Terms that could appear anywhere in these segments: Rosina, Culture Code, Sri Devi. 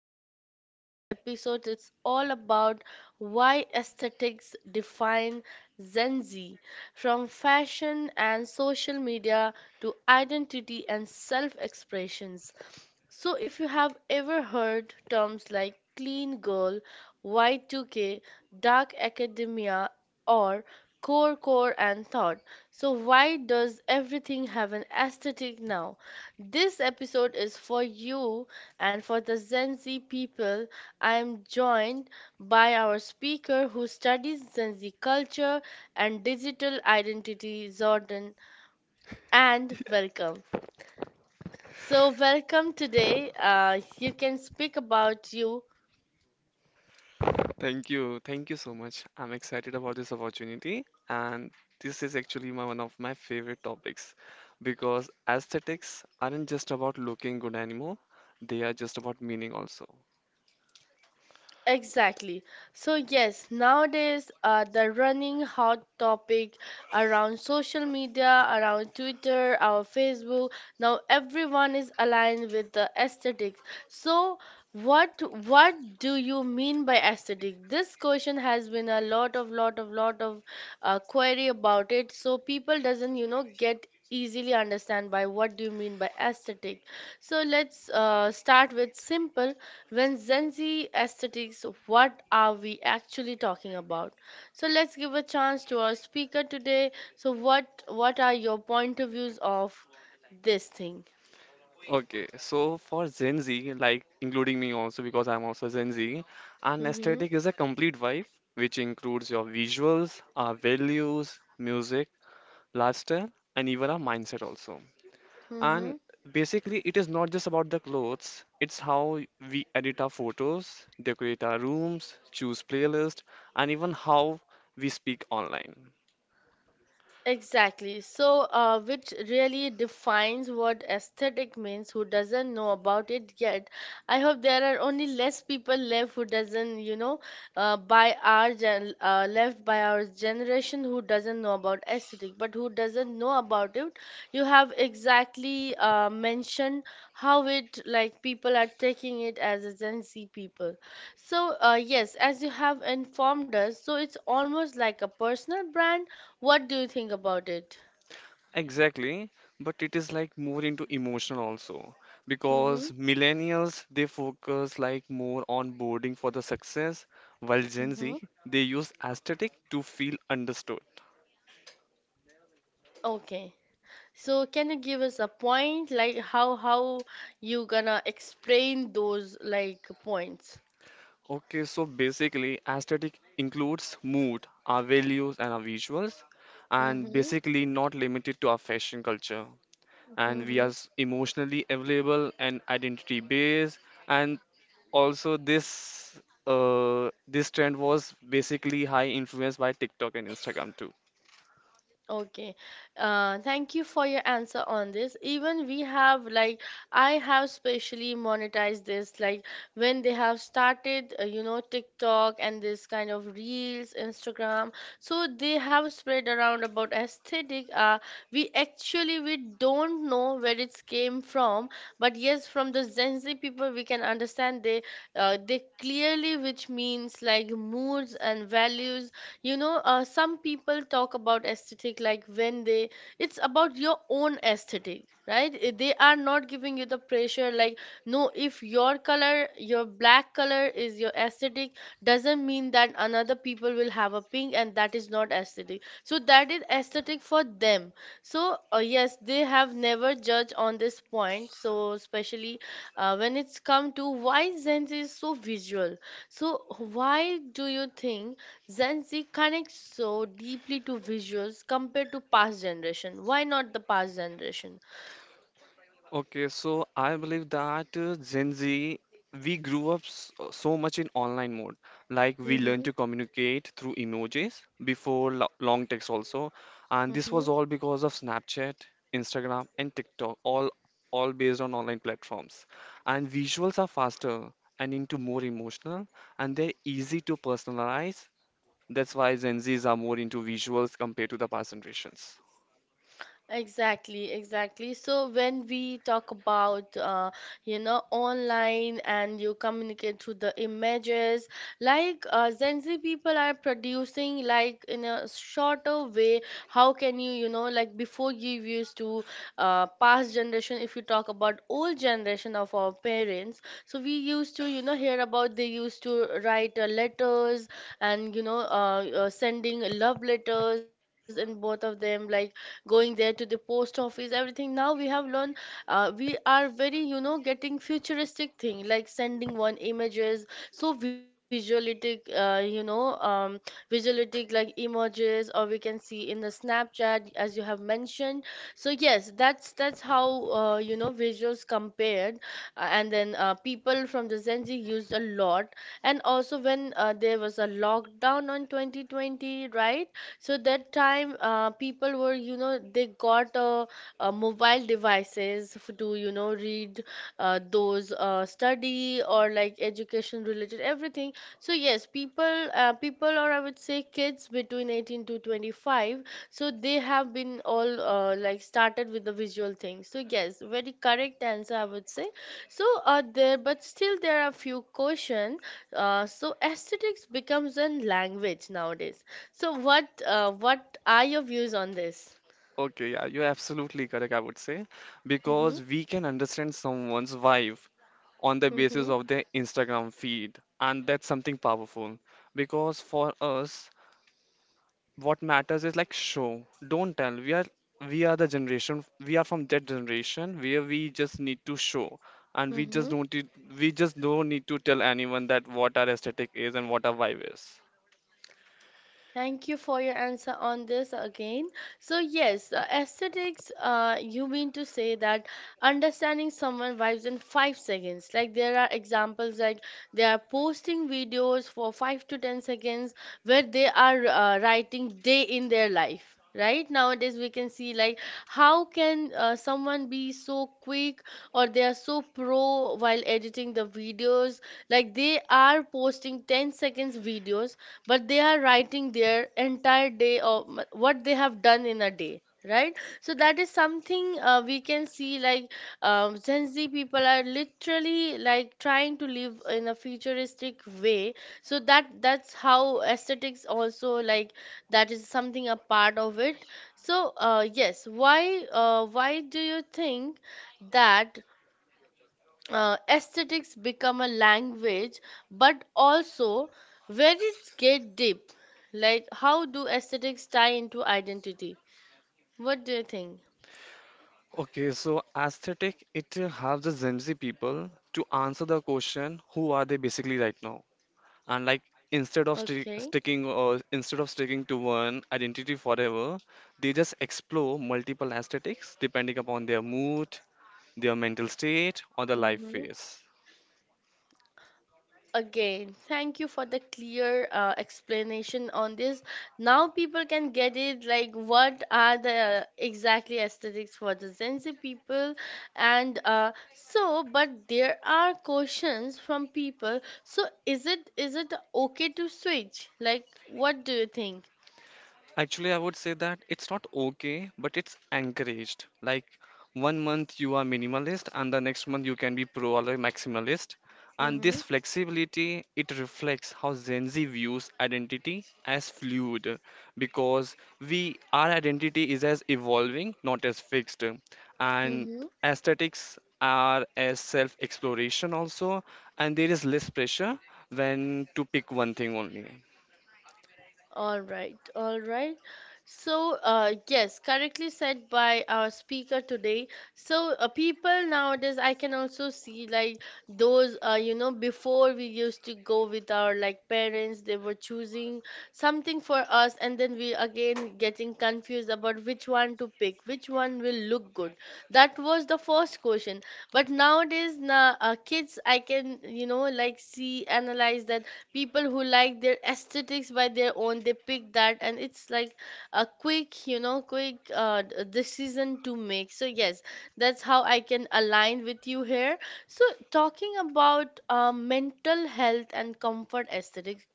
today for the episode. It's all about why aesthetics define Gen Z, from fashion and social media to identity and self expressions. So, if you have ever heard terms like clean girl, Y2K, dark academia, or core core and thought, so why does everything have an aesthetic now? This episode is for you and for the Gen Z people. I am joined by our speaker who studies Gen Z culture and digital identity, Jordan, and welcome. So, welcome today. You can speak about you. Thank you. Thank you so much. I'm excited about this opportunity, and this is actually my one of my favorite topics because aesthetics aren't just about looking good anymore, they are just about meaning also. Exactly. So, yes, nowadays the running hot topic around social media, around Twitter, our Facebook, now everyone is aligned with the aesthetics. So, what what do you mean by aesthetic? This question has been a lot of query about it. So people doesn't, you know, get easily understand by what do you mean by aesthetic. So let's start with simple. When Gen Z aesthetics, what are we actually talking about? So let's give a chance to our speaker today. So what are your point of views of this thing? Okay, so for Gen Z, like including me also because I'm also Gen Z, an Mm-hmm. aesthetic is a complete vibe which includes your visuals, our values, music, lifestyle, and even our mindset also. And Mm-hmm. basically, it is not just about the clothes, it's how we edit our photos, decorate our rooms, choose playlist, and even how we speak online. Exactly. So, which really defines what aesthetic means. Who doesn't know about it yet? I hope there are only less people left who doesn't, you know, by our gen left by our generation who doesn't know about aesthetic. But who doesn't know about it? You have exactly mentioned how it like people are taking it as a Gen Z people. So, yes, as you have informed us, so it's almost like a personal brand. What do you think about it? Exactly, but it is like more into emotional also Mm-hmm. because millennials they focus like more on boarding for the success, while Gen Mm-hmm. Z they use aesthetic to feel understood. Okay. So can you give us a point like how you gonna explain those like points? Okay, so basically, aesthetic includes mood, our values, and our visuals, and Mm-hmm. basically not limited to our fashion culture. And we are emotionally available and identity based. And also, this this trend was basically high influenced by TikTok and Instagram too. Okay. Thank you for your answer on this. Even we have like I have specially monetized this, like when they have started, you know, TikTok and this kind of reels, Instagram. So they have spread around about aesthetic. We actually we don't know where it's came from, but yes, from the Gen Z people we can understand they, they clearly which means like moods and values, you know. Some people talk about aesthetic, like when they, it's about your own aesthetic, right? They are not giving you the pressure, like no, if your color, your black color, is your aesthetic, doesn't mean that another people will have a pink and that is not aesthetic, so that is aesthetic for them. So yes, they have never judged on this point. So especially when it's come to why zen is so visual, so why do you think Gen Z connects so deeply to visuals compared to past generation? Why not the past generation? Okay, so I believe that Gen Z, we grew up so much in online mode. Like we learned Hmm. to communicate through emojis before lo long text also, and this Hmm. was all because of Snapchat, Instagram, and TikTok, all based on online platforms. And visuals are faster and into more emotional, and they're easy to personalize. That's why Gen Zs are more into visuals compared to the past generations. Exactly, exactly. So when we talk about, you know, online and you communicate through the images, like Gen Z people are producing like in a shorter way. How can you, you know, like before you used to, past generation? If you talk about old generation of our parents, so we used to, you know, hear about, they used to write letters and, you know, sending love letters, and both of them like going there to the post office, everything. Now we have learned, we are very, you know, getting futuristic thing like sending one images, so visualistic, visualistic like images, or we can see in the snapchat as you have mentioned. So yes, that's how, you know, visuals compared, and then people from the gen z used a lot. And also when there was a lockdown on 2020, right? So that time, people were, you know, they got, mobile devices to, you know, read those study or like education related everything. So yes, people, people, or I would say kids between 18 to 25, so they have been all like started with the visual thing. So yes, very correct answer, I would say. So there, but still there are few question. So aesthetics becomes a language nowadays. So what are your views on this? Okay, yeah, you're absolutely correct, I would say, Mm-hmm. because we can understand someone's vibe on the basis Mm-hmm. of their Instagram feed, and that's something powerful. Because for us, what matters is like show, don't tell. We are the generation, we are from that generation where we just need to show, and we just Mm-hmm. don't need, we just don't need to tell anyone that what our aesthetic is and what our vibe is. Thank you for your answer on this again. So, yes, aesthetics, you mean to say that understanding someone vibes in 5 seconds. Like, there are examples like they are posting videos for 5 to 10 seconds where they are writing day in their life. Right nowadays, we can see like how can someone be so quick or they are so pro while editing the videos. Like they are posting 10 seconds videos, but they are writing their entire day of what they have done in a day, right? So that is something, we can see like gen z people are literally like trying to live in a futuristic way. So that's how aesthetics also, like that is something a part of it. So why do you think that aesthetics become a language, but also where it's get deep, like how do aesthetics tie into identity? What do you think? Okay, so aesthetic, it helps the Gen Z people to answer the question, who are they basically right now? And like instead of sti Okay. sticking or instead of sticking to one identity forever, they just explore multiple aesthetics depending upon their mood, their mental state, or their life Mm-hmm. phase. Again, thank you for the clear explanation on this. Now people can get it like what are the exactly aesthetics for the Gen Z people. And so but there are questions from people. So is it okay to switch? Like what do you think? Actually, I would say that it's not okay, but it's encouraged. Like one month you are minimalist, and the next month you can be pro or like maximalist. And Mm-hmm. this flexibility, it reflects how Gen Z views identity as fluid, because we our identity is as evolving, not as fixed. And Mm-hmm. aesthetics are as self-exploration also, and there is less pressure when to pick one thing only. All right, all right. So, yes, correctly said by our speaker today. So, people nowadays, I can also see like those, you know, before we used to go with our like parents, they were choosing something for us, and then we again getting confused about which one to pick, which one will look good. That was the first question. But nowadays, na kids, I can, you know, like see, analyze that people who like their aesthetics by their own, they pick that, and it's like a quick, you know, decision to make. So yes, that's how I can align with you here. So talking about mental health and comfort aesthetics,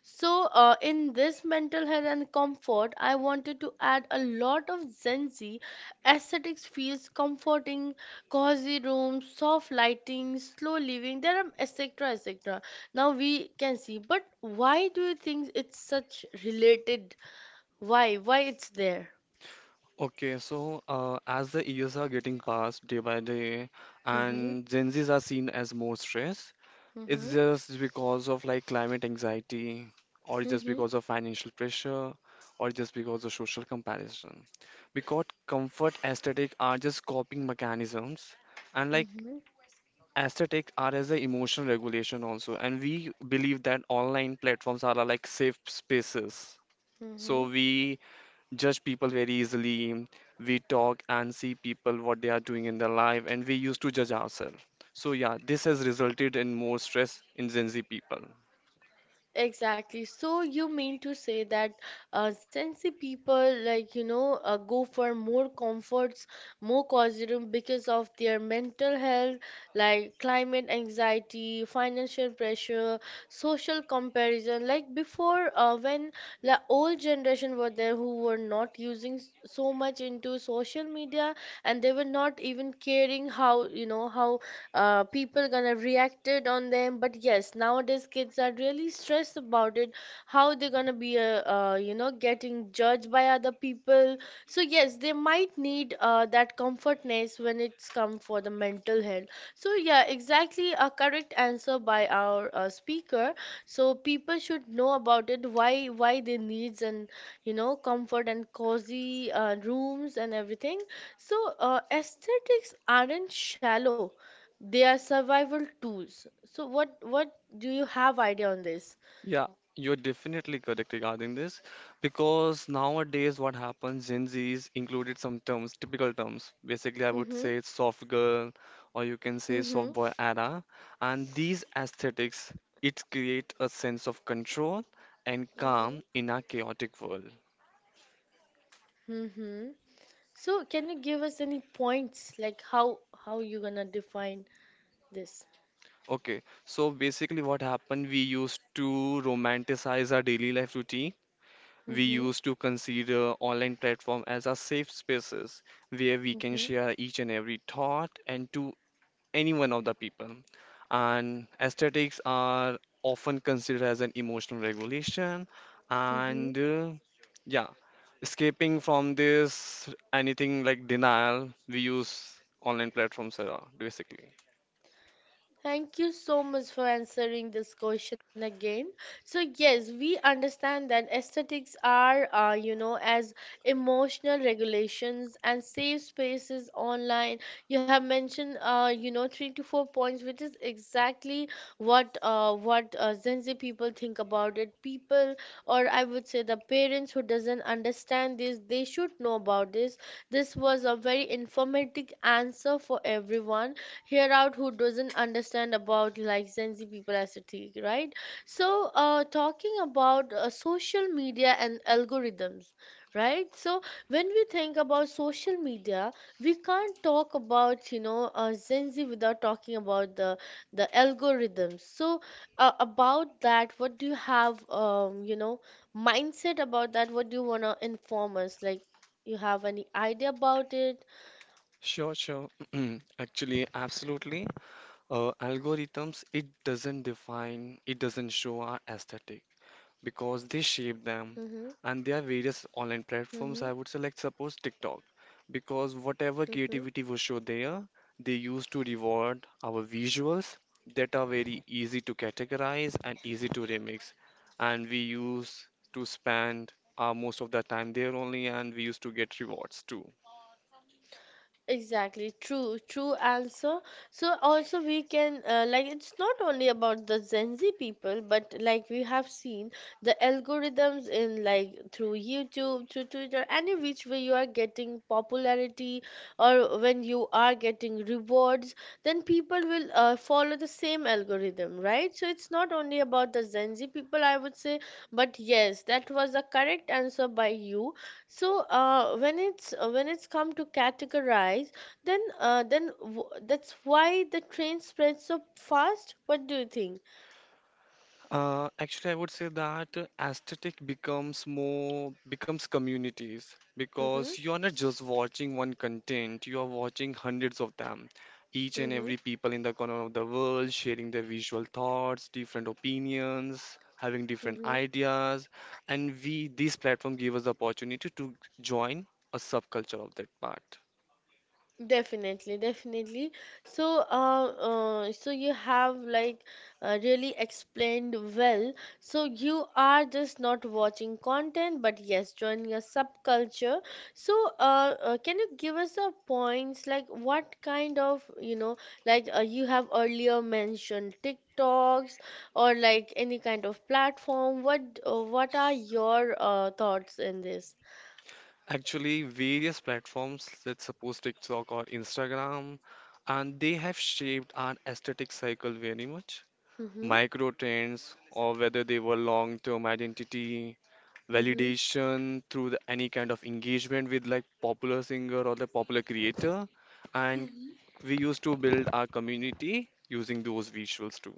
so, in this mental health and comfort, I wanted to add a lot of Gen Z aesthetics feels comforting, cozy rooms, soft lighting, slow living. There are etc. etc. Now we can see, but why do you think it's such related? Why? Why it's there? Okay, so as the years are getting passed day by day Mm-hmm. and Gen Zs are seen as more stressed, it's Mm-hmm. just because of like climate anxiety or just Mm-hmm. because of financial pressure or just because of social comparison. Because comfort aesthetic are just coping mechanisms and like Mm-hmm. aesthetic are as a emotional regulation also, and we believe that online platforms are like safe spaces. Mm-hmm. So we judge people very easily. We talk and see people what they are doing in their life, and we used to judge ourselves. So yeah, this has resulted in more stress in Gen Z people. Exactly. So you mean to say that sensy people like, you know, go for more comforts, more costume because of their mental health, like climate anxiety, financial pressure, social comparison. Like before, when the old generation were there who were not using so much into social media and they were not even caring how, you know, how people gonna reacted on them. But yes, nowadays kids are really stressed about it, how they're gonna be, you know, getting judged by other people. So yes, they might need, that comfortness when it's come for the mental health. So yeah, exactly, a correct answer by our speaker. So people should know about it, why they needs and, you know, comfort and cozy rooms and everything. So aesthetics aren't shallow, they are survival tools. So what do you have idea on this? Yeah, you're definitely correct regarding this because nowadays what happens, Gen Z's included some terms, typical terms. Basically, I would Mm-hmm. say soft girl or you can say Mm-hmm. soft boy era, and these aesthetics it create a sense of control and Mm-hmm. calm in our chaotic world. Mm-hmm. So can you give us any points like how you gonna define this? Okay, so basically, what happened? We used to romanticize our daily life routine. We Mm-hmm. used to consider online platform as our safe spaces where we can share each and every thought and to any one of the people. And aesthetics are often considered as an emotional regulation. Mm-hmm. And yeah, escaping from this anything like denial, we use online platforms basically. Thank you so much for answering this question again. So, yes, we understand that aesthetics are, you know, as emotional regulations and safe spaces online. You have mentioned, you know, 3 to 4 points, which is exactly what Gen Z people think about it. People, or I would say the parents who doesn't understand this, they should know about this. This was a very informative answer for everyone hear out who doesn't understand about like Gen Z people aesthetic, right? So, talking about social media and algorithms, right? So, when we think about social media, we can't talk about, you know, Gen Z without talking about the algorithms. So, about that, what do you have, you know, mindset about that? What do you wanna inform us? Like, you have any idea about it? Sure, sure. Actually, absolutely. Algorithms, it doesn't define, it doesn't show our aesthetic because they shape them. Mm-hmm. And there are various online platforms, Mm-hmm. I would say, like suppose TikTok, because whatever Mm-hmm. creativity was shown there, they used to reward our visuals that are very easy to categorize and easy to remix. And we used to spend most of the time there only, and we used to get rewards too. Exactly, true, true answer. So also we can, like it's not only about the Gen Z people, but like we have seen the algorithms in like through YouTube, through Twitter, any which way you are getting popularity or when you are getting rewards, then people will follow the same algorithm, right? So it's not only about the Gen Z people, I would say, but yes, that was a correct answer by you. So when it's come to categorize, then w that's why the train spreads so fast. What do you think? Actually, I would say that aesthetic becomes communities Mm-hmm, because you are not just watching one content, you are watching hundreds of them. Each and mm-hmm, every people in the corner of the world sharing their visual thoughts, different opinions, having different mm-hmm. ideas, and we this platform gave us the opportunity to join a subculture of that part. Definitely, definitely. So you have like really explained well. So you are just not watching content, but yes, joining a subculture. So, can you give us the points, like what kind of, like you have earlier mentioned TikToks or like any kind of platform. What are your thoughts in this? Actually, various platforms, let's suppose TikTok or Instagram, and they have shaped our aesthetic cycle very much. Mm-hmm, Micro trends, or whether they were long-term identity, mm-hmm. validation through any kind of engagement with like popular singer or the popular creator, and we used to build our community using those visuals too.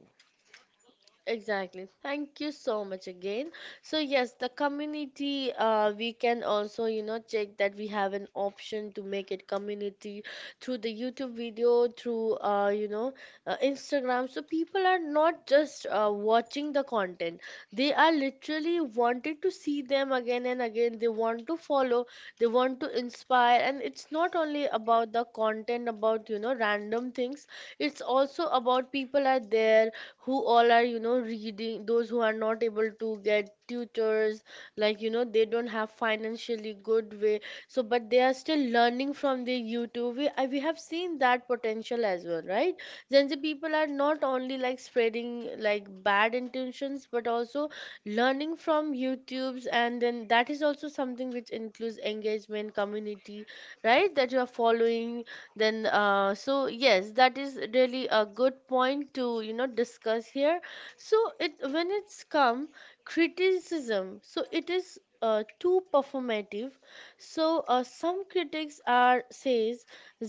Exactly. Thank you so much again. So yes, the community, we can also, check that we have an option to make it community through the YouTube video, through Instagram. So people are not just watching the content. They are literally wanted to see them again and again. They want to follow, they want to inspire, and it's not only about the content, about, random things. It's also about people are there who all are reading those, who are not able to get tutors, like, they don't have financially good way, so but they are still learning from the youtube. We have seen that potential as well, right? Gen Z people are not only like spreading like bad intentions, but also learning from youtubes, and then that is also something which includes engagement community, right, that you are following. Then So yes, that is really a good point to discuss here. So it, when it's come criticism, so it is too performative. So some critics are says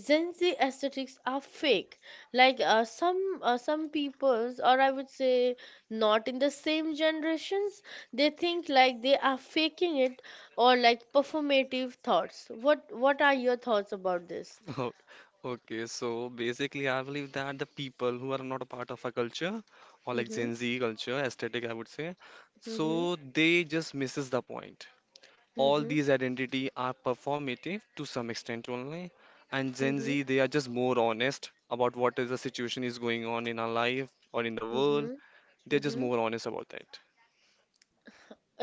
Gen Z aesthetics are fake, like some peoples, or I would say not in the same generations, they think like they are faking it, or like performative thoughts. What are your thoughts about this? Oh, okay, so basically, I believe that the people who are not a part of a culture or Hı like hı, Gen Z culture, aesthetic, I would say, hı hı, so they just misses the point. hı All hı, these identity are performative to some extent only, and hı Gen hı, Z they are just more honest about what is the situation is going on in our life or in the hı world. hı, hı They're just hı. more honest about that.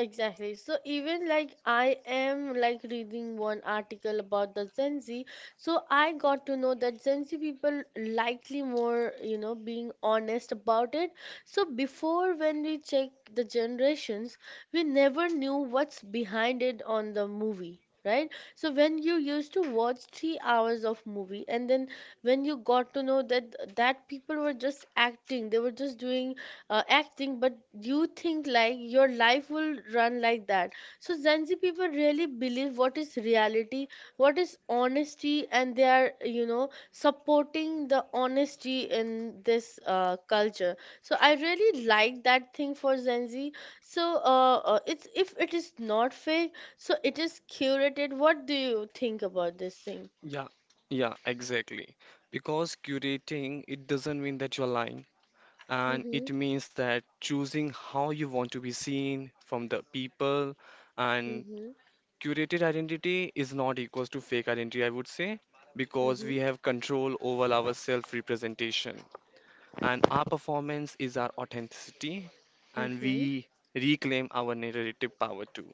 Exactly. So even like I am like reading one article about the Gen Z, so I got to know that Gen Z people likely more, being honest about it. So before when we check the generations, we never knew what's behind it on the movie. Right? So when you used to watch 3 hours of movie, and then when you got to know that people were just acting, they were just doing acting, but you think like your life will run like that. So Gen Z people really believe what is reality, what is honesty, and they are supporting the honesty in this culture. So I really like that thing for Gen Z. So it's if it is not fake, so it is curated. What do you think about this thing? Yeah, yeah, exactly. Because curating it doesn't mean that you're lying. And it Mm-hmm, means that choosing how you want to be seen from the people, and mm-hmm, curated identity is not equals to fake identity, I would say, because we have control over our self representation, and our performance is our authenticity, and we mm-hmm. reclaim our narrative power too.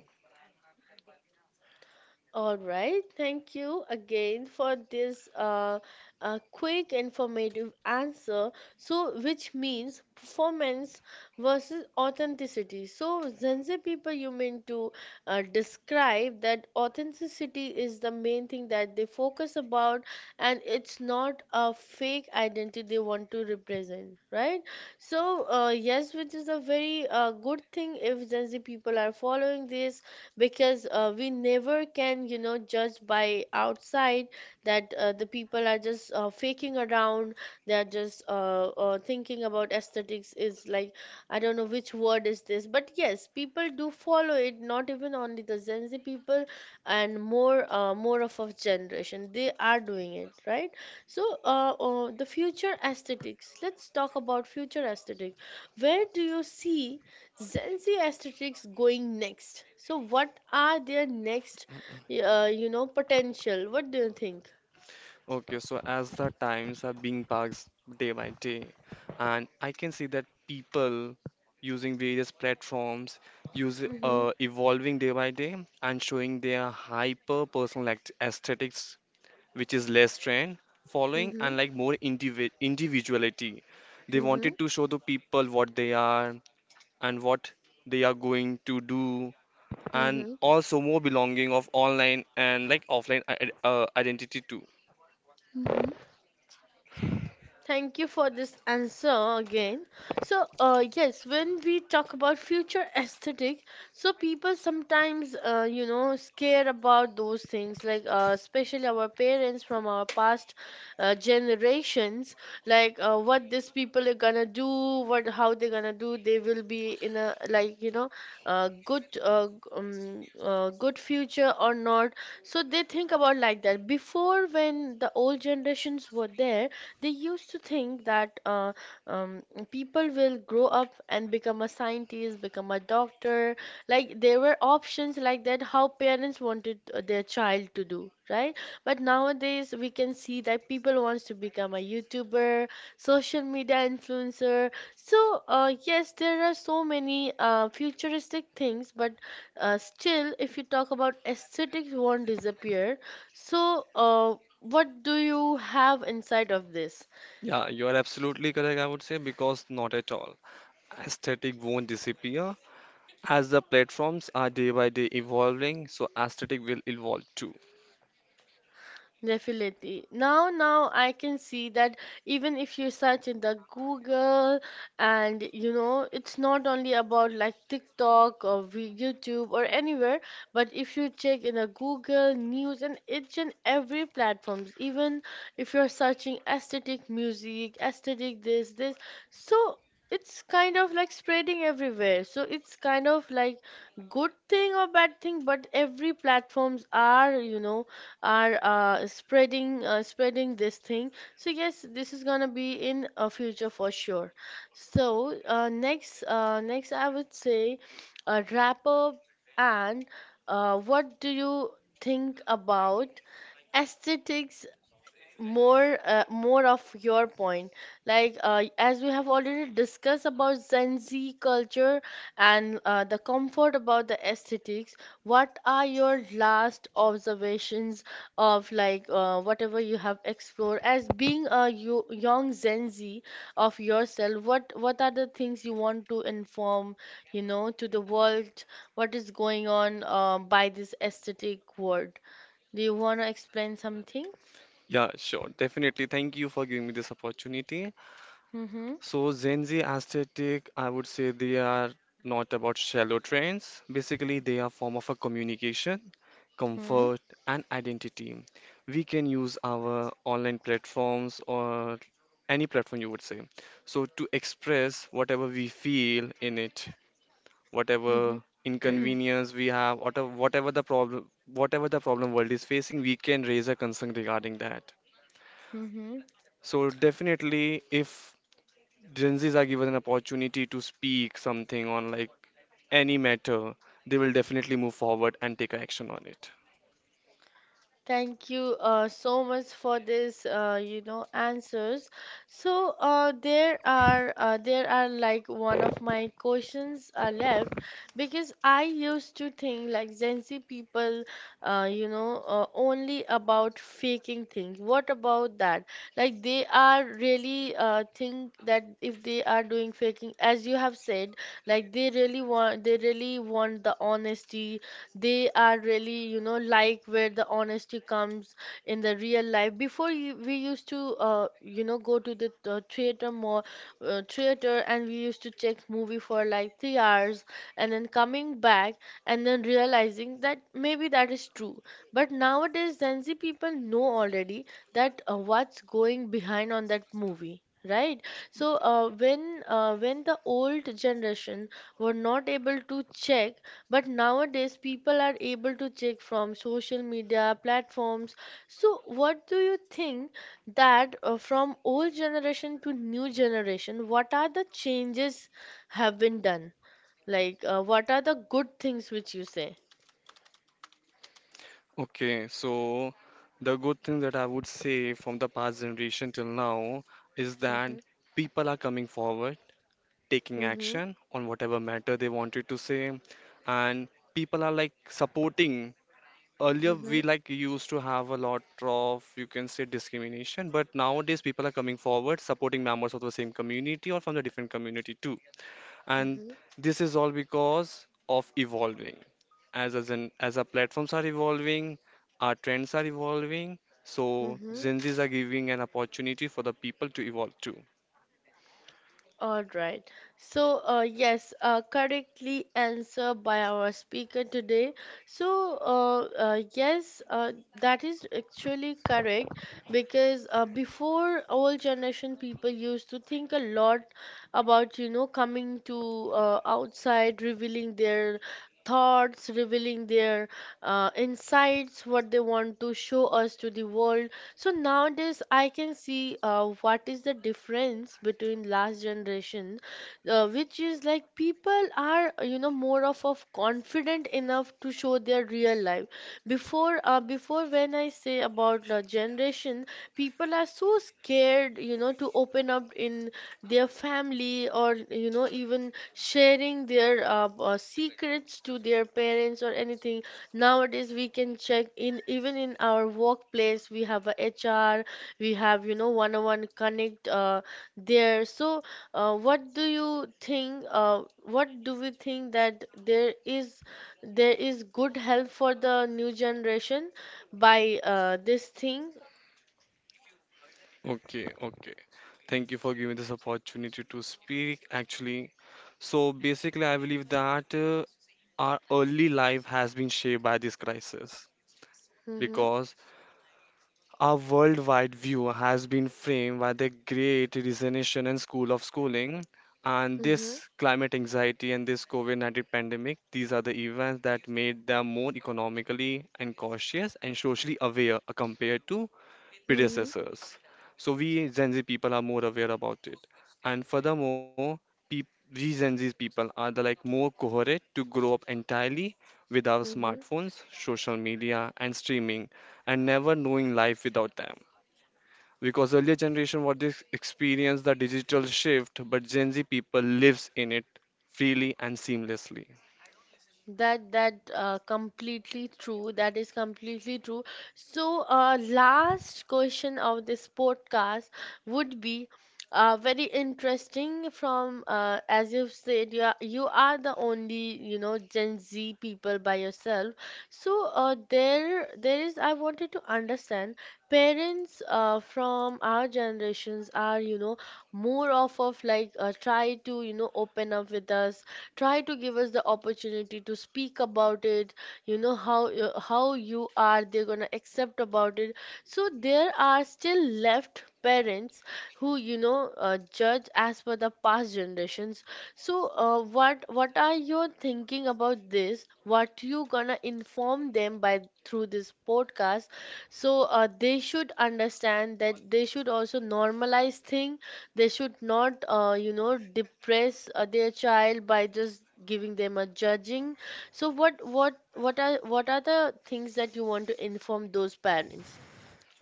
All right, thank you again for this quick informative answer. So, which means performance versus authenticity. So, Zenzi people, you mean to describe that authenticity is the main thing that they focus about, and it's not a fake identity they want to represent, right? So, yes, which is a very good thing if Zenzi people are following this, because we never can judge by outside, that the people are just faking around, they are just thinking about aesthetics is like, I don't know which word is this, but yes people do follow it, not even only the Gen Z people. And more of our generation, they are doing it, right? So the future aesthetics, let's talk about future aesthetic. Where do you see Gen Z aesthetics going next? So, what are their next, potential? What do you think? Okay, so as the times are being passed day by day, and I can see that people using various platforms use Mm-hmm. Evolving day by day and showing their hyper personal act aesthetics, which is less trend following Mm-hmm. and like more individuality. They wanted to show the people what they are and what they are going to do, and Mm-hmm. also more belonging of online and like offline identity too. Thank you for this answer again. So, yes, when we talk about future aesthetic, so people sometimes, scare about those things, like especially our parents from our past generations, like what these people are gonna do, what, how they're gonna do, they will be in a, like, good, good future or not. So they think about like that. Before, when the old generations were there, they used to think that um, people will grow up and become a scientist, become a doctor. Like, there were options like that, how parents wanted their child to do, right? But nowadays we can see that people wants to become a YouTuber, social media influencer. So yes, there are so many futuristic things, but still, if you talk about aesthetics, won't disappear. So, what do you have inside of this? Yeah, you are absolutely correct, I would say, because not at all. Aesthetic won't disappear. As the platforms are day by day evolving, so aesthetic will evolve too. Definitely. Now, now I can see that even if you search in the Google, and it's not only about like TikTok or YouTube or anywhere, but if you check in the Google news and each and every platforms, even if you're searching aesthetic music, aesthetic this, this, so it's kind of like spreading everywhere. So it's kind of like good thing or bad thing, but every platforms are, are spreading this thing. So yes, this is gonna be in a future for sure. So next I would say a wrap up. And what do you think about aesthetics? More of your point, like as we have already discussed about Gen Z culture and the comfort about the aesthetics. What are your last observations of, like, whatever you have explored as being a young Gen Z of yourself? What are the things you want to inform, to the world, what is going on by this aesthetic word? Do you want to explain something? Yeah, sure, definitely. Thank you for giving me this opportunity. Mm-hmm. So Gen Z aesthetic, I would say they are not about shallow trends. Basically, they are form of a communication, Hmm. comfort, and identity. We can use our online platforms or any platform you would say. So to express whatever we feel in it, whatever Hmm. inconvenience we have, whatever the problem world is facing, we can raise a concern regarding that. Mm-hmm. So definitely, if Gen Zs are given an opportunity to speak something on like any matter, they will definitely move forward and take action on it. Thank you so much for this, answers. So there are like one of my questions are left, because I used to think like Gen Z people, only about faking things. What about that? Like, they are really think that if they are doing faking, as you have said, like they really want, the honesty. They are really, like, where the honesty comes in the real life. Before you, we used to go to the theater, and we used to check movie for like 3 hours, and then coming back, and then realizing that maybe that is true. But nowadays Gen Z people know already that what's going behind on that movie, right? So when the old generation were not able to check, but nowadays, people are able to check from social media platforms. So, what do you think that from old generation to new generation, what are the changes have been done? Like, what are the good things which you say? Okay, so the good thing that I would say from the past generation till now is that Mm-hmm, people are coming forward, taking mm-hmm, action on whatever matter they wanted to say, and people are like supporting. Earlier, mm-hmm, we like used to have a lot of, you can say, discrimination, but nowadays people are coming forward, supporting members of the same community or from the different community too. And mm-hmm, this is all because of evolving. As our platforms are evolving, our trends are evolving, so mm-hmm. Gen Z's are giving an opportunity for the people to evolve too. All right. So, yes, correctly answered by our speaker today. So, yes, that is actually correct, because before old generation people used to think a lot about, coming to outside, revealing their thoughts, revealing their insights, what they want to show us to the world. So nowadays, I can see what is the difference between last generation, which is like people are more of confident enough to show their real life. Before, when I say about generation, people are so scared, to open up in their family, or even sharing their secrets to their parents or anything. Nowadays, we can check in even in our workplace. We have a HR, we have, one-on-one connect, there. So, what do you think? What do we think that there is good help for the new generation by this thing? Okay. thank you for giving this opportunity to speak actually. So basically, I believe that our early life has been shaped by this crisis Mm-hmm, because our worldwide view has been framed by the great resignation and school of schooling. And mm-hmm, this climate anxiety and this COVID 19 pandemic, these are the events that made them more economically and cautious and socially aware compared to mm-hmm, predecessors. So we Gen Z people are more aware about it. And furthermore, peop we Gen Z people are the like more coherent to grow up entirely with our mm-hmm. smartphones, social media, and streaming, and never knowing life without them. Because earlier generation what they experienced the digital shift, but Gen Z people lives in it freely and seamlessly. That completely true. That is completely true. So, last question of this podcast would be very interesting from, as you've said, you are the only, Gen Z people by yourself. So, there there is I wanted to understand, parents from our generations are, more off of like try to, open up with us, try to give us the opportunity to speak about it, you know how you are they're going to accept about it. So there are still left parents who judge as per the past generations. So what are you thinking about this? What you gonna inform them by through this podcast? So they should understand that they should also normalize thing. They should not depress their child by just giving them a judging. So what are the things that you want to inform those parents?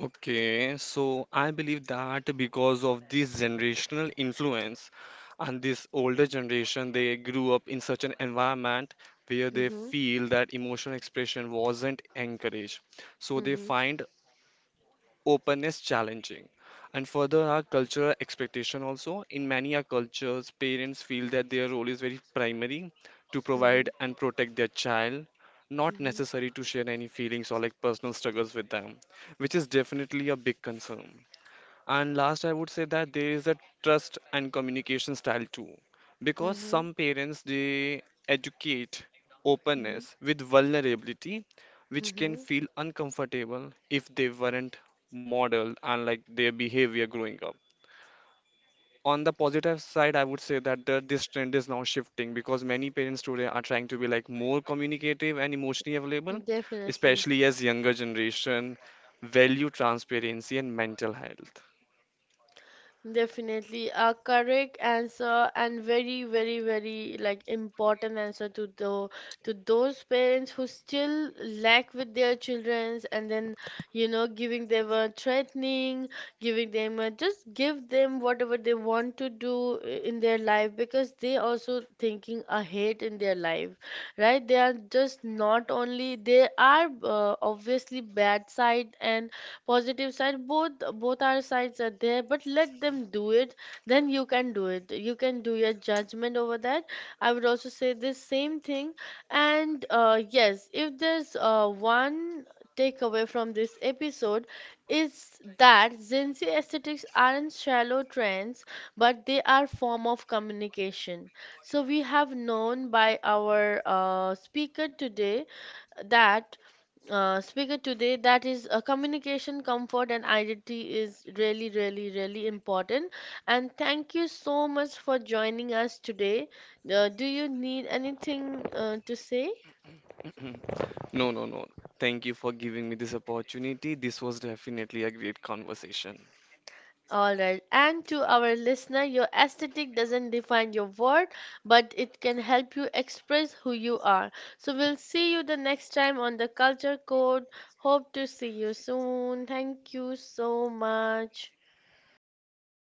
Okay, so I believe that because of this generational influence and this older generation, they grew up in such an environment where they Mhm. feel that emotional expression wasn't encouraged. So they Mhm. find open is challenging. And further our cultural expectation also. In many our cultures, parents feel that their role is very primary to provide Mhm. and protect their child, not Mhm. necessary to share any feelings or like personal struggles with them, which is definitely a big concern. And last, I would say that there is a trust and communication style too, because Mhm. some parents they educate Mhm. openness with vulnerability, which can Mhm. feel uncomfortable if they weren't modeled and like their behavior growing up. On the positive side, I would say that this trend is now shifting because many parents today are trying to be like more communicative and emotionally available, Definitely. especially as younger generation value transparency and mental health. Definitely a correct answer, and very, very, very like important answer to those parents who still lack with their children, and then, giving them a threatening, giving them a, just give them whatever they want to do, in their life, because they also thinking ahead in their life, right? They are just not only, they are, obviously bad side and positive side, both our sides are there, but let them do it. Then you can do it, you can do your judgment over that. I would also say this same thing. And yes, if there's one takeaway from this episode is that Gen Z aesthetics aren't shallow trends, but they are form of communication. So we have known by our that speaker today that is communication, comfort and identity is really, really, really important. And thank you so much for joining us today. Do you need anything to say? No, no, no. Thank you for giving me this opportunity. This was definitely a great conversation. All right, and to our listener, your aesthetic doesn't define your worth, but it can help you express who you are. So we'll see you the next time on the Culture Code. Hope to see you soon. Thank you so much.